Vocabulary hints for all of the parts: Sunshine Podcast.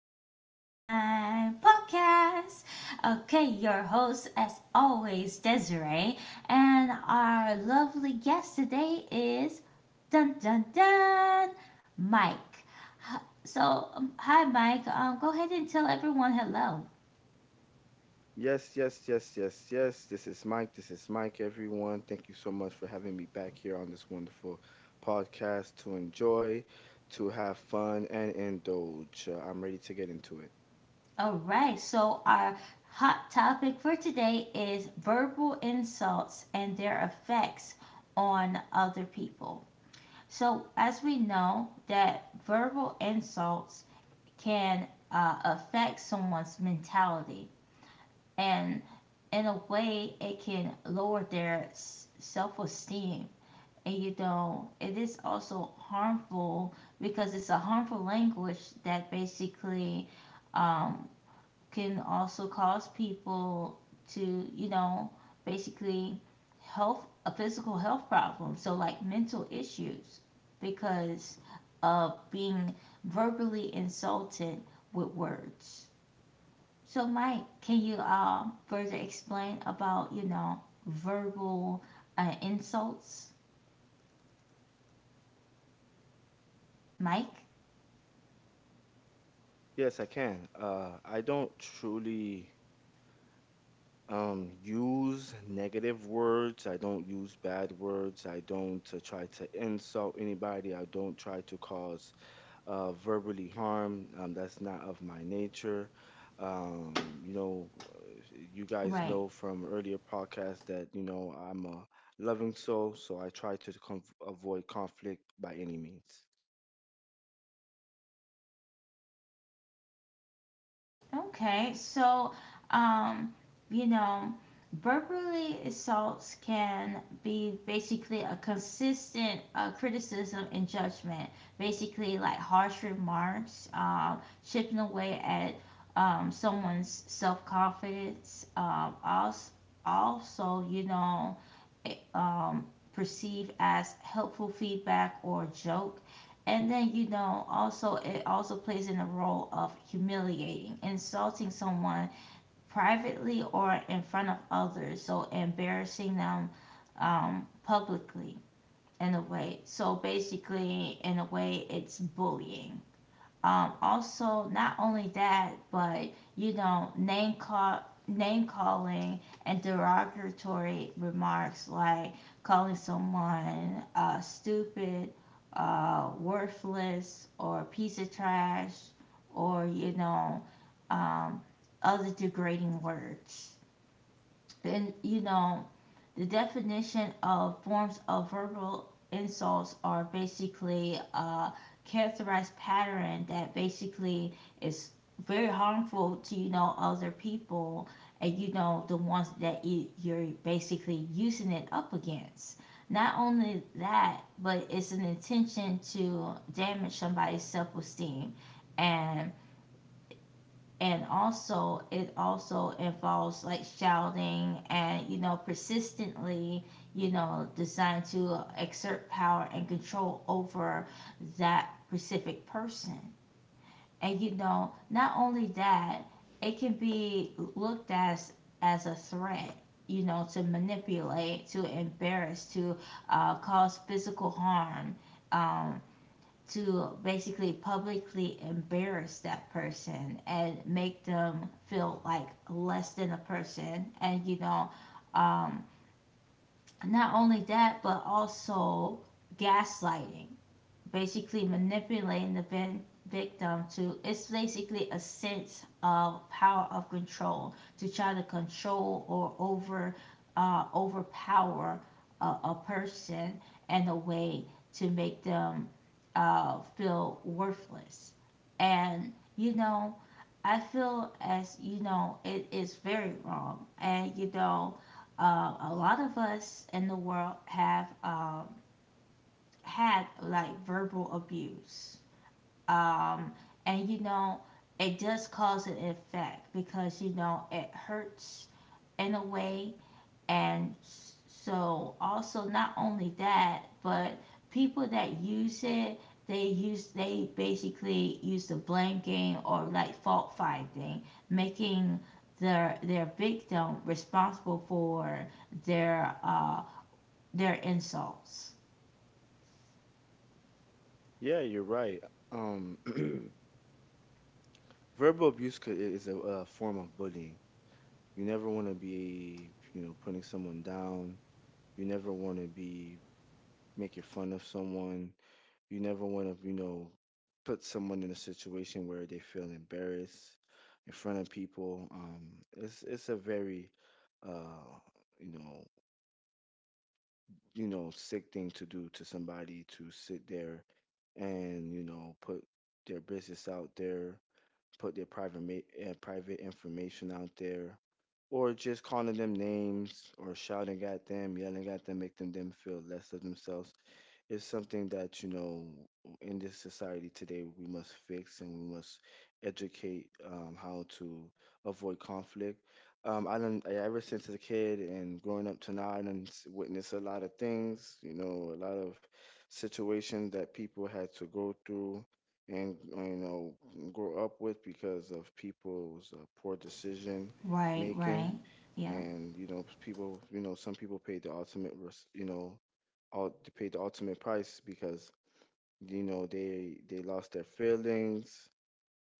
Sunshine Podcast. Okay, your host, as always, Desiree. And our lovely guest today is Dun Dun Dun Mike. Hi, Mike. Go ahead and tell everyone hello. Yes, yes, yes, yes, yes. This is Mike. This is Mike, everyone. Thank you so much for having me back here on this wonderful podcast to enjoy, to have fun, and indulge. I'm ready to get into it. All right. So, our hot topic for today is verbal insults and their effects on other people. So, as we know that verbal insults can affect someone's mentality, and in a way, it can lower their self esteem. And you know, it is also harmful because it's a harmful language that basically um, can also cause people to, you know, basically health a physical health problem. So like mental issues because of being verbally insulted with words. So Mike, can you further explain about, you know, verbal insults? Mike? Yes, I can. I don't truly use negative words. I don't use bad words. I don't try to insult anybody. I don't try to cause verbally harm. That's not of my nature. Um, you know, you guys Right. know from earlier podcasts that, you know, I'm a loving soul, so I try to avoid conflict by any means. Okay, so um, you know, verbally assaults can be basically a consistent criticism and judgment, basically like harsh remarks, chipping away at someone's self confidence. Also, you know, eh, um, perceived as helpful feedback or joke. And then you know, also it also plays in the role of humiliating, insulting someone privately or in front of others, so embarrassing them publicly in a way. So basically, in a way, it's bullying. Also, not only that, but you know, name calling and derogatory remarks like calling someone stupid, worthless, or piece of trash, or you know, um, other degrading words been, you know, the definition of forms of verbal insults are basically a characterized pattern that basically is very harmful to, you know, other people and, you know, the ones that you're basically using it up against. Not only that, but it's an intention to damage somebody's self esteem and and also it also involves like shouting and you know persistently, you know, designed to exert power and control over that specific person. And you know, not only that, it can be looked as a threat, you know, to manipulate, to embarrass, to cause physical harm, um, to basically publicly embarrass that person and make them feel like less than a person. And you know, um, not only that but also gaslighting, basically manipulating the victim to, it's basically a sense of power of control to try to control or over, overpower a person in a way to make them feel worthless. And you know, I feel as you know it is very wrong. And you know, uh, a lot of us in the world have had like verbal abuse. Um, and you know, it does cause an effect because you know it hurts in a way. And so, also, not only that, but people that use it, they basically use the blame game or like fault finding, making their victim responsible for their uh their insults. Yeah, you're right. Um, verbal abuse is a form of bullying. You never want to be, you know, putting someone down. You never want to be making fun of someone. You never want to, you know, put someone in a situation where they feel embarrassed in front of people. It's a very, uh, you know, you know, sick thing to do to somebody, to sit there and, you know, put their business out there, put their private information out there, or just calling them names or shouting at them, yelling at them, making them feel less of themselves. It's something that, you know, in this society today we must fix, and we must educate how to avoid conflict. Ever since as a kid and growing up to now, I done witnessed a lot of things. You know, a lot of situations that people had to go through, and you know, grow up with because of people's poor decision Right, right. making. Yeah. And you know, people, you know, some people paid the ultimate res- you know, all they paid the ultimate price because, you know, they lost their feelings.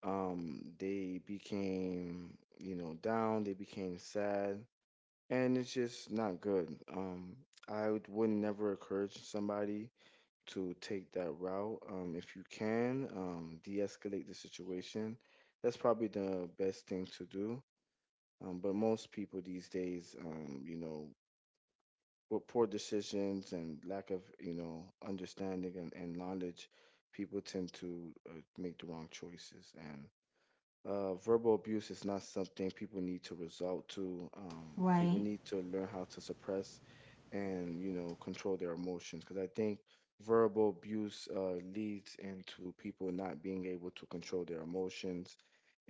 They became, you know, down, they became sad, and it's just not good. Would never encourage somebody to take that route. If you can de-escalate the situation, that's probably the best thing to do. But most people these days, you know, with poor decisions and lack of, you know, understanding and knowledge, people tend to make the wrong choices. And verbal abuse is not something people need to resort to. People Right. need to learn how to suppress and, you know, control their emotions, because I think verbal abuse leads into people not being able to control their emotions,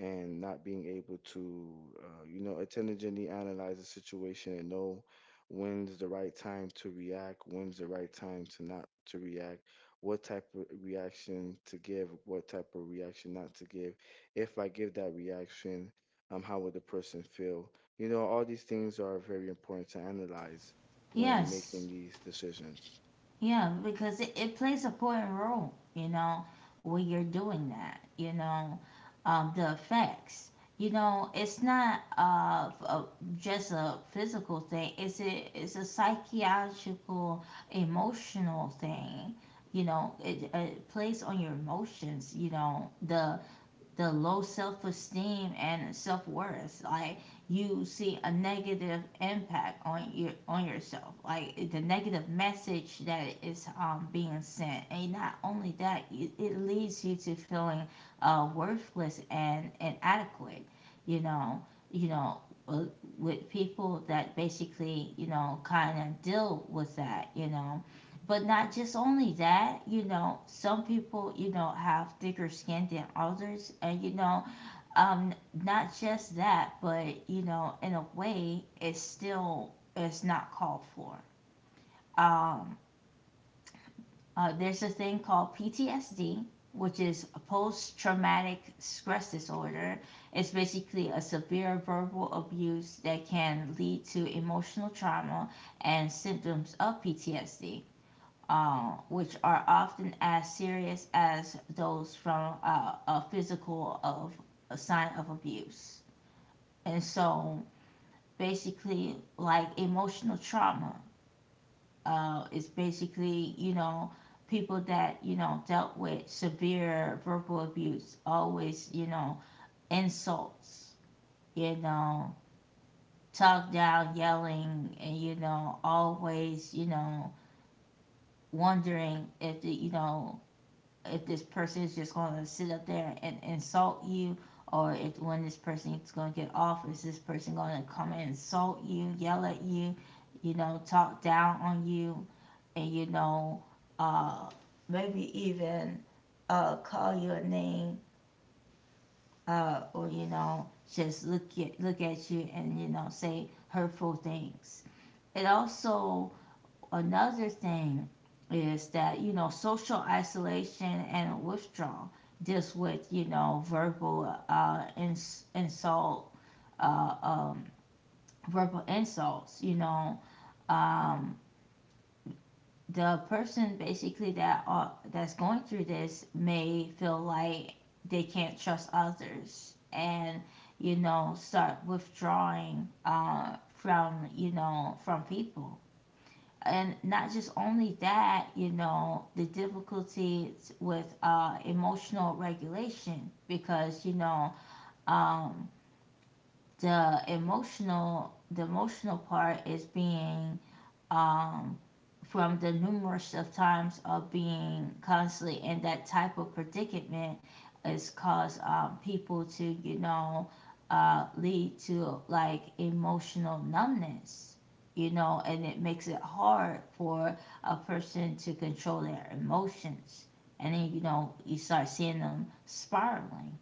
and not being able to you know, intelligently analyze a situation and know when's the right time to react, when's the right time to not to react, what type of reaction to give, what type of reaction not to give. If I give that reaction, how would the person feel? You know, all these things are very important to analyze when Yes. making these decisions. Yeah, because it plays a important role, you know, when you're doing that, you know, the effects. You know, it's not just a physical thing. It's a psychological, emotional thing. You know, it plays on your emotions. You know, the low self esteem and self worth. Like you see a negative impact on your on yourself, like the negative message that is being sent. And not only that, it leads you to feeling worthless and inadequate. You know, you know, uh, with people that basically you know kind of deal with that. You know, but not just only that, you know, some people you know have thicker skin than others. And you know, um, not just that, but you know, in a way it's still it's not called for. Um, there's a thing called PTSD, which is a post traumatic stress disorder. It's basically a severe verbal abuse that can lead to emotional trauma and symptoms of PTSD, which are often as serious as those from a physical of a sign of abuse. And so basically, like emotional trauma is basically, you know, people that, you know, dealt with severe verbal abuse, always, you know, insults, you know, talk down, yelling, and, you know, always, you know, wondering if, the, you know, if this person is just going to sit up there and insult you, or if when this person is going to get off, is this person going to come and insult you, yell at you, you know, talk down on you. And you know, uh, maybe even call you a name, or you know, just look at you and you know say hurtful things. It also Another thing is that, you know, social isolation and withdrawal deals with, you know, verbal insult, uh, um, verbal insults, you know. Um, the person basically that that's going through this may feel like they can't trust others and, you know, start withdrawing from, you know, from people. And not just only that, you know, the difficulties with emotional regulation, because you know, um, the emotional part is being um, from the numerous of times of being constantly in that type of predicament, is cause people to you know lead to like emotional numbness. You know, and it makes it hard for a person to control their emotions. And then you know you start seeing them spiraling.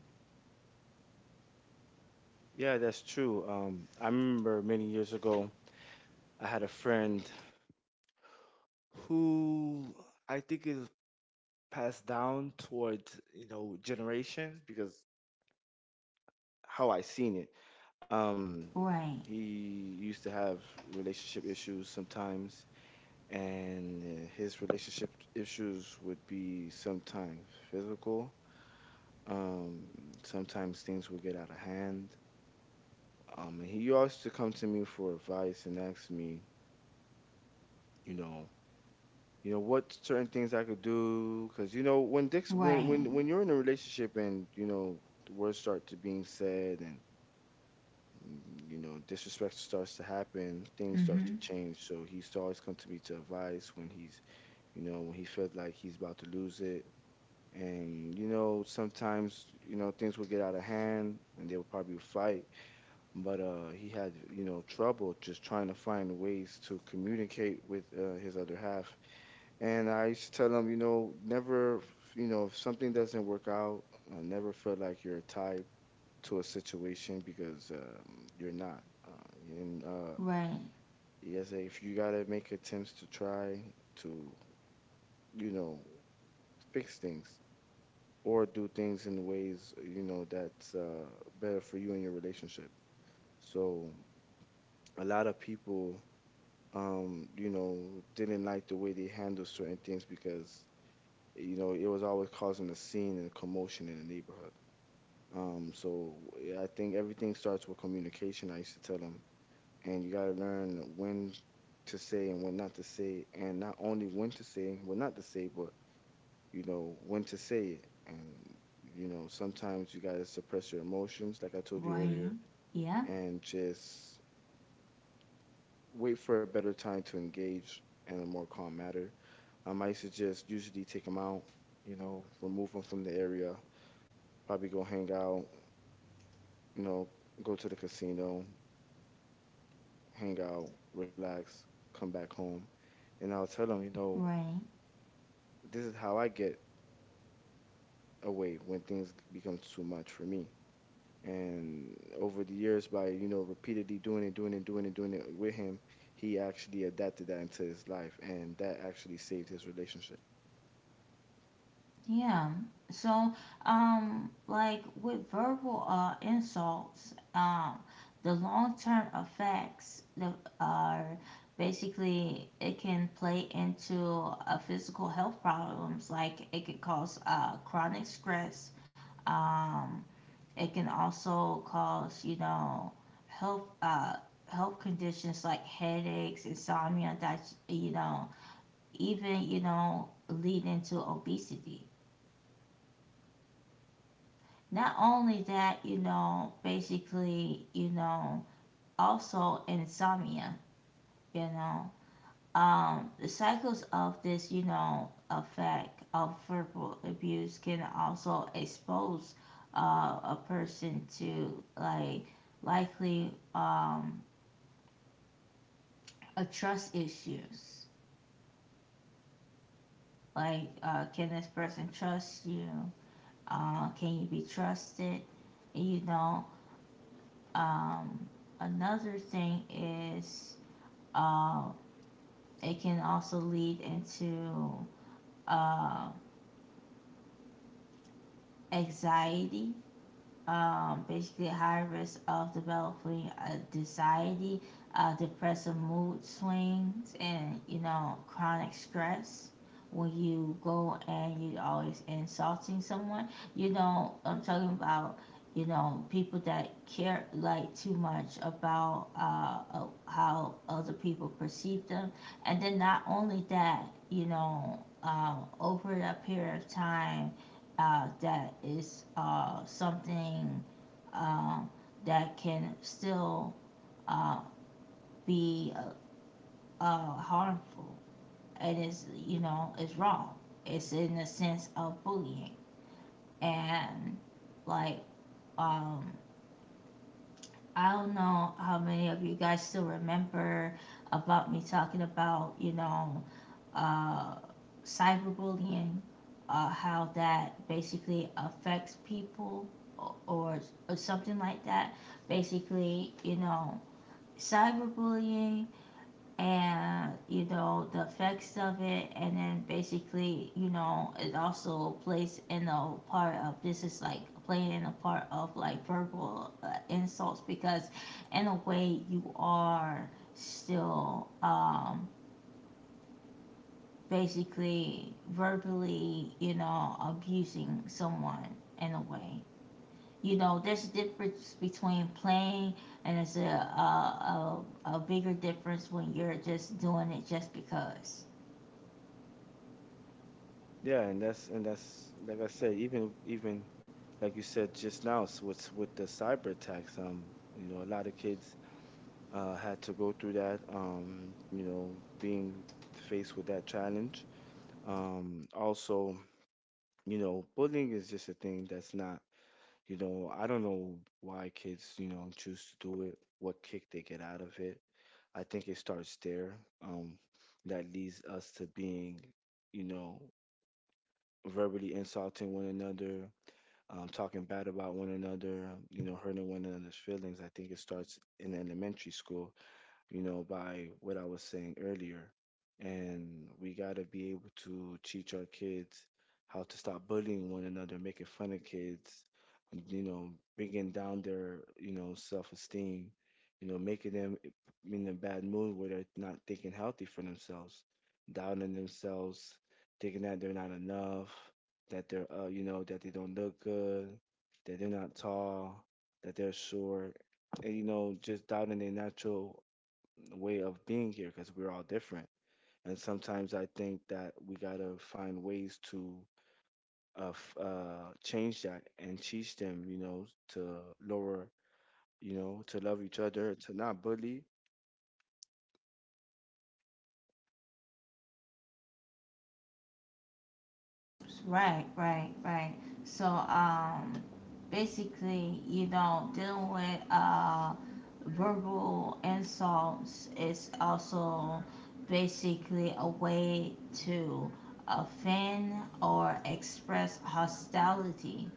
Yeah, that's true. I remember many years ago, I had a friend who I think is passed down towards, you know, generations because how I seen it. Um, he Right, used to have relationship issues sometimes, and his relationship issues would be sometimes physical. Um, Sometimes things would get out of hand. And he used to come to me for advice and ask me, you know, you know, what certain things I could do, because you know, when Dick's right. When you're in a relationship and you know, the words start to being said and mm, you know, disrespect starts to happen, things start to Mm-hmm. change. So he used to always come to me to advice when he's, you know, when he felt like he's about to lose it. And you know, sometimes you know, things would get out of hand and they would probably fight. But he had, you know, trouble just trying to find ways to communicate with his other half. And I used to tell him, you know, never, you know, if something doesn't work out, never feel like you're tied to a situation because you're not, and Right, yes, if you gotta make attempts to try to, you know, fix things or do things in ways, you know, that's better for you and your relationship. So a lot of people, you know, didn't like the way they handled certain things, because you know, it was always causing a scene and a commotion in the neighborhood. So yeah, I think everything starts with communication. I used to tell them, and you got to learn when to say and when not to say, and not only when to say, what not to say, but you know, when to say it. And you know, sometimes you got to suppress your emotions like I told you right. earlier, Yeah. and just wait for a better time to engage in a more calm matter. I suggest usually take them out, you know, remove them from the area, probably go hang out, you know, go to the casino, hang out, relax, come back home, and I'll tell them, you know, Right. this is how I get away when things becomes too much for me. And over the years, by you know, repeatedly doing it, doing it, doing it, doing it with him, he actually adapted that into his life, and that actually saved his relationship. Yeah. So, like with verbal insults, the long-term are basically it can play into physical health problems. Like it could cause chronic stress. Um, it can also cause, you know, health uh, health conditions like headaches, insomnia, that you know, even you know, lead into obesity. Not only that, you know, basically, you know, also insomnia, you know. The cycles of this, you know, effect of verbal abuse can also expose uh, a person to like likely a trust issues. Like, can this person trust you? Can you be trusted? You know, um, another thing is Uh, it can also lead into uh, anxiety, basically high risk of developing a anxiety, depressive mood swings, and you know chronic stress. When you go and you always insulting someone, you know I'm talking about you know people that care like too much about how other people perceive them. And then not only that, you know, over a period of time that is something uh, that can still uh, be harmful. And it's you know it's wrong, it's in the sense of bullying. And like um I don't know how many of you guys still remember about me talking about, you know, uh, cyberbullying, how that basically affects people, or, or, or something like that. Basically, you know, cyberbullying, and you know the effects of it. And then basically you know it also plays in the part of, this is like playing in a part of like verbal insults, because in a way you are still basically verbally you know abusing someone in a way. You know, there's a difference between playing, and it's a, a bigger difference when you're just doing it just because. Yeah, and that's like I said, even like you said just now, s with the cyber attacks, you know, a lot of kids had to go through that, you know, being faced with that challenge. Also, you know, bullying is just a thing that's not. You know, I don't know why kids, you know, choose to do it, what kick they get out of it. I think it starts there. Um, that leads us to being, you know, verbally insulting one another, talking bad about one another, you know, hurting one another's feelings. I think it starts in elementary school, you know, by what I was saying earlier. And we got to be able to teach our kids how to stop bullying one another, making fun of kids, you know, bringing down their, you know, self-esteem, you know, making them in a bad mood where they're not thinking healthy for themselves, downing themselves, thinking that they're not enough, that they're, you know, that they don't look good, that they're not tall, that they're short, and you know, just doubting their natural way of being here because we're all different. And sometimes I think that we gotta find ways to change that and teach them, you know, to lower, you know, to love each other, to not bully. Right, right, right. So, basically, you know, dealing with verbal insults is also basically a way to offend or express hostility.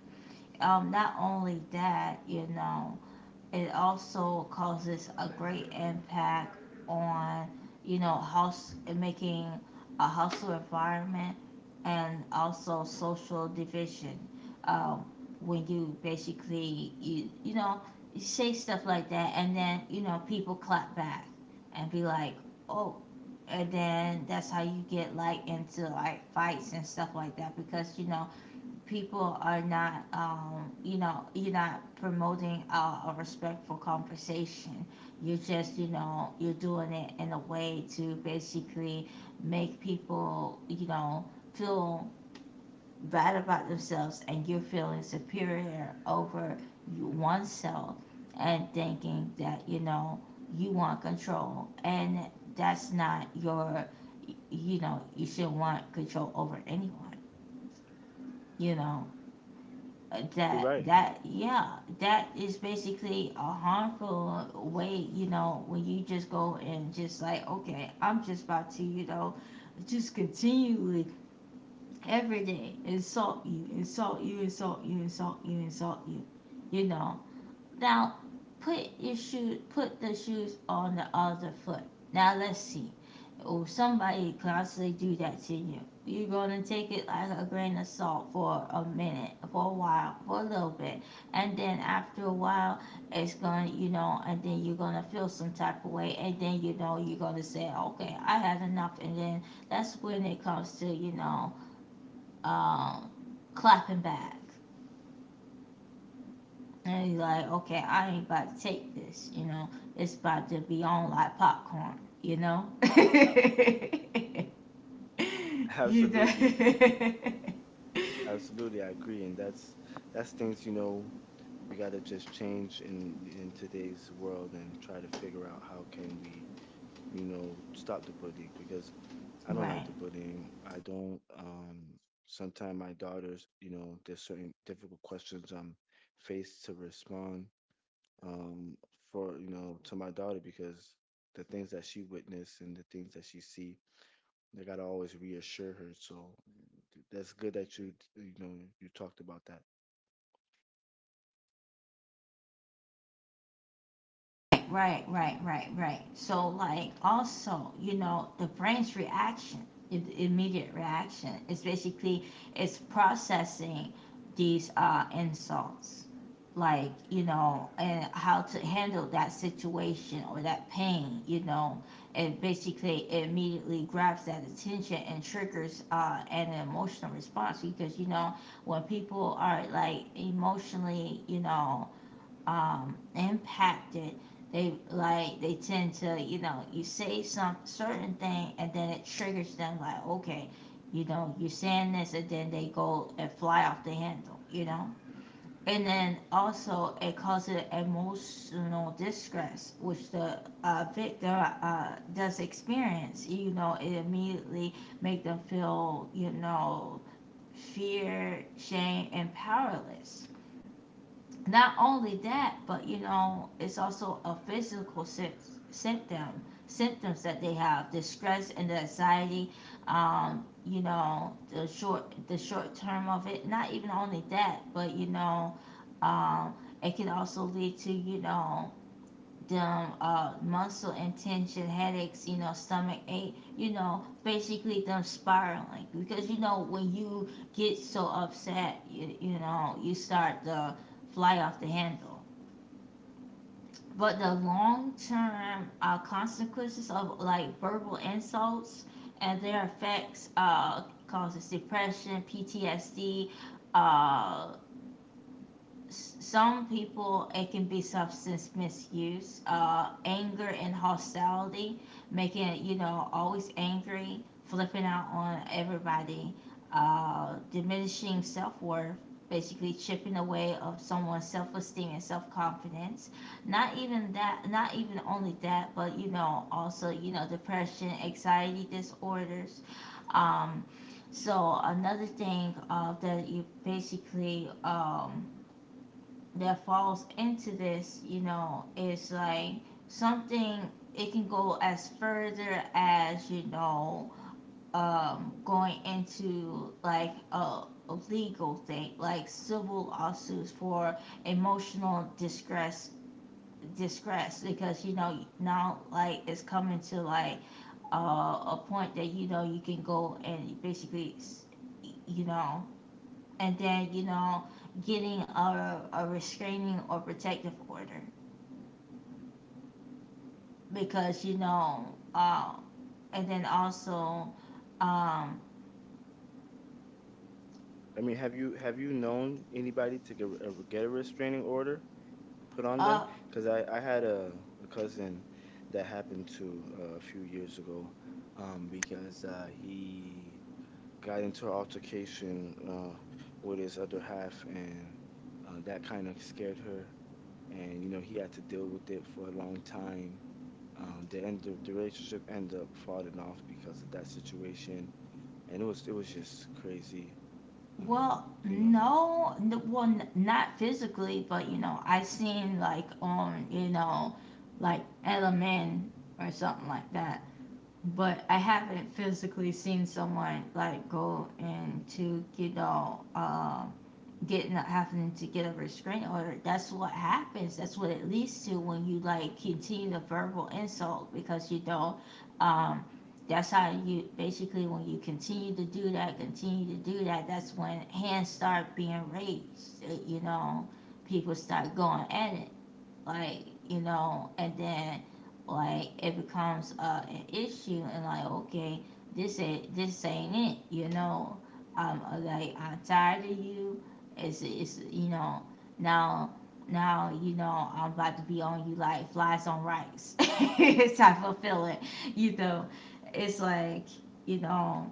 Um, not only that, you know, it also causes a great impact on, you know, house making a hostile environment and also social division. Um, when you basically you know you say stuff like that, and then you know people clap back and be like, oh, and then that's how you get like into like fights and stuff like that, because you know people are not you know you're not promoting a respectful conversation. You're just you know you're doing it in a way to basically make people you know feel bad about themselves and you're feeling superior over oneself, and thinking that you know you want control. And that's not your you know you should want control over anyone, you know. Uh, You're right. that yeah that is basically a harmful way. You know, when you just go and just like, okay, I'm just about to you know just continually every day insult you, insult you, insult you, insult you, insult you, you know, now put your shoe put the shoes on the other foot. Now let's see. Oh, somebody constantly do that to you. You're gonna take it like a grain of salt for a minute, for a while, for a little bit. And then after a while it's gonna you know, and then you're gonna feel some type of way, and then you know you're gonna say, okay, I had enough, and then that's when it comes to, you know, um, clapping back. And he's like, okay, I ain't about to take this, you know. It's about to be on like popcorn, you know? you know? Absolutely, absolutely, I agree. And that's things, you know, we gotta just change in today's world, and try to figure out how can we, you know, stop the bullying, because I don't like right. the bullying. I don't. Sometimes my daughters, you know, there's certain difficult questions I'm faced to respond, um, for, you know, to my daughter, because the things that she witnessed and the things that she see, I gotta always reassure her. So that's good that you know, you talked about that. Right, right, right, right, right. So like also, you know, the brain's reaction, immediate reaction is basically it's processing these insults. Like, you know, and how to handle that situation or that pain, you know. It basically it immediately grabs that attention and triggers an emotional response because you know, when people are like emotionally, you know, impacted. They like they tend to you know you say some certain thing and then it triggers them like okay you know you're saying this and then they go and fly off the handle, you know. And then also it causes emotional distress which the victim does experience, you know. It immediately make them feel, you know, fear, shame and powerless. Not only that, but you know, it's also a physical symptoms that they have: the stress and the anxiety. You know, the short term of it. Not even only that, but you know, um, it can also lead to, you know, them muscle and tension headaches, you know, stomach ache, you know, basically them spiraling. Because, you know, when you get so upset, you know, you start to fly off the handle. But the long term consequences of like verbal insults and their effects causes depression, PTSD, uh, some people it can be substance misuse, anger and hostility, making it, you know, always angry, flipping out on everybody, diminishing self-worth, basically chipping away of someone's self-esteem and self-confidence. Not even only that, but you know, also, you know, depression, anxiety disorders. um, so another thing that you basically, that falls into this, you know, is like something. It can go as further as, you know, going into like a legal thing, like civil lawsuits for emotional distress because you know now like it's coming to like a point that you know you can go and basically, you know, and then, you know, getting a restraining or protective order because you know, uh, and then also um I mean, have you, have you known anybody to get a restraining order put on them? uh Because I had a cousin that happened to a few years ago, because he got into an altercation with his other half, and that kind of scared her, and you know, he had to deal with it for a long time. The end, the relationship ended up falling off because of that situation, and it was just crazy. Well You know, no, well not physically, but you know I seen like on, you know, like LMN or something like that, but I haven't physically seen someone like go into, you know, getting having to get a restraining order. That's what happens. That's what it leads to when you like continue the verbal insult because you don't. Um, that's how you basically when you continue to do that, continue to do that. That's when hands start being raised. You know, people start going at it, like, you know, and then like it becomes an issue and like okay, this ain't, this ain't it, you know. Like I'm tired of you, it's, you know, now, now, you know, I'm about to be on you like flies on rice type of feeling, you know. It's like, you know,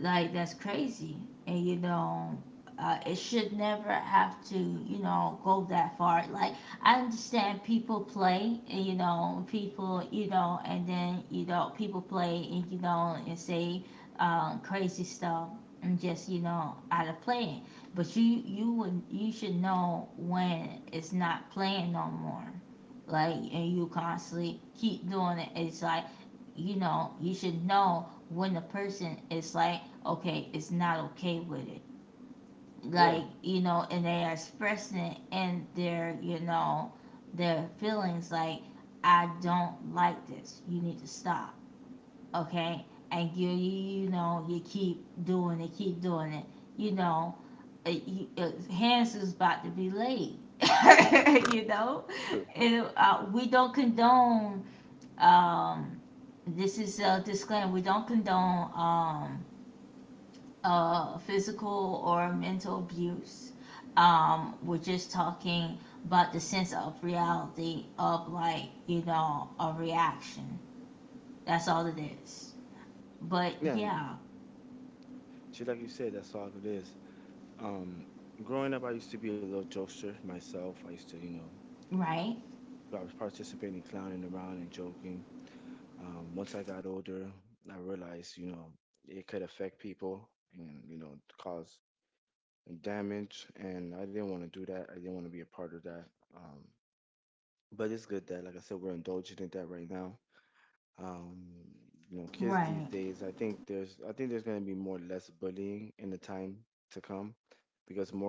like that's crazy. And you know, it should never have to, you know, go that far. Like, I understand people play and, you know, people, you know, and then, you know, people play and, you know, and say crazy stuff and just, you know, out of playing. But you would, you should know when it's not playing no more. Like and you constantly keep doing it, it's like, you know, you should know when the person is like, okay, it's not okay with it. yeah. Like, you know, and they are expressing it and their, you know, their feelings like, I don't like this. You need to stop. Okay? And you know, you keep doing it, keep doing it. You know, hands is about to be laid. You know? And we don't condone, um, this is a disclaimer, we don't condone, physical or mental abuse. We're just talking about the sense of reality of like, you know, a reaction. That's all it is. But Yeah, and yeah, just like you said, that's all it is. Um, Growing up, I used to be a little jokester myself. I used to, you know, right? I was participating in clowning around and joking. Once I got older, I realized, you know, it could affect people and, you know, cause damage. And I didn't want to do that. I didn't want to be a part of that. Um, but it's good that, like I said, we're indulging in that right now. Um, you know, kids these Right. days, I think there's going to be more less bullying in the time to come because more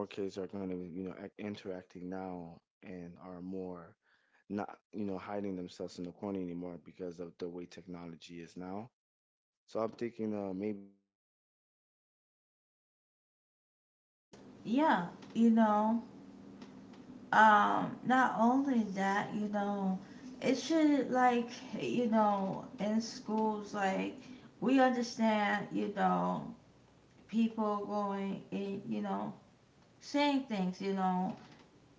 Yeah, you know, not only that, you know, it should like, you know, in schools, like, we understand, you know, people going, in, you know, saying things,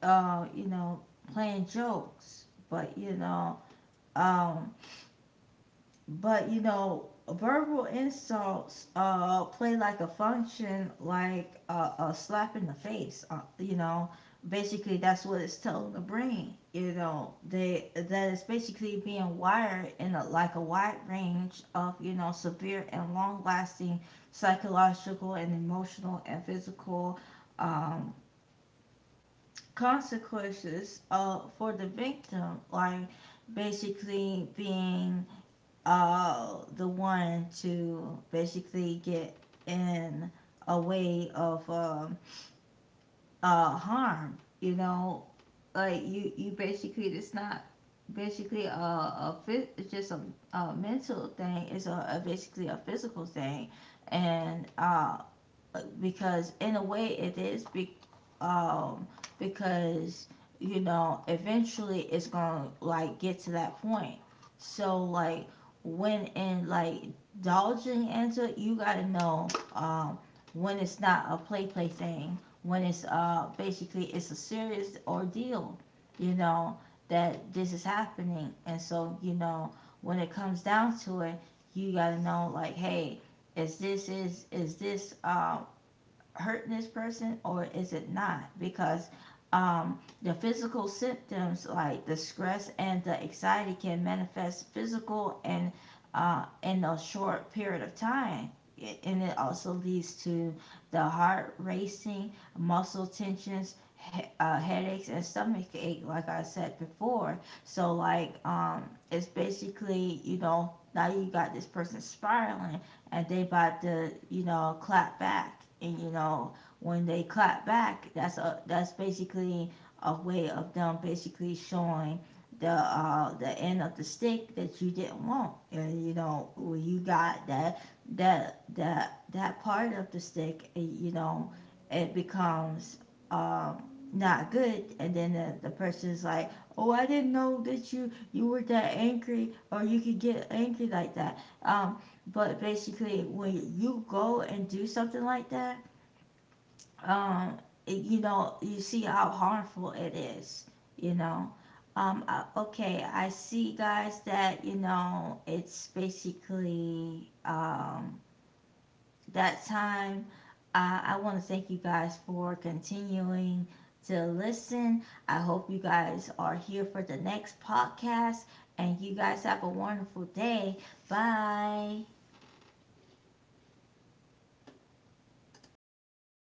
you know, playing jokes. Um, but you know, verbal insults play like a function, like a slap in the face. You know, basically that's what it's telling the brain. You know, they that is basically being wired in a, like a wide range of, you know, severe and long lasting psychological and emotional and physical um, consequences for the victim, like basically being the one to basically get in a way of harm. You know, like you basically it's not basically a, it's just a mental thing. It's a basically a physical thing, and because in a way it is be, um because you know eventually it's gonna like get to that point. So like when in like indulging into it, you gotta know um when it's not a play play thing, when it's basically it's a serious ordeal, you know, that this is happening. And so you know when it comes down to it, you gotta know like, hey, is this, is this hurting this person or is it not? Because the physical symptoms like the stress and the anxiety can manifest physical and in a short period of time. And it also leads to the heart racing, muscle tensions, headaches, and stomach ache, like I said before. So, like, it's basically, you know, now you got this person spiraling, and they about to, you know, clap back. And you know when they clap back, that's a, that's basically a way of them basically showing the end of the stick that you didn't want. And you know when you got that, that that part of the stick, it, you know, it becomes um not good. And then the person's like, oh I didn't know that you were that angry or you could get angry like that. But basically, when you go and do something like that, um, you know, you see how harmful it is. You know, I, okay, I see guys that, you know, it's basically that time. I want to thank you guys for continuing to listen. I hope you guys are here for the next podcast, and you guys have a wonderful day. Bye.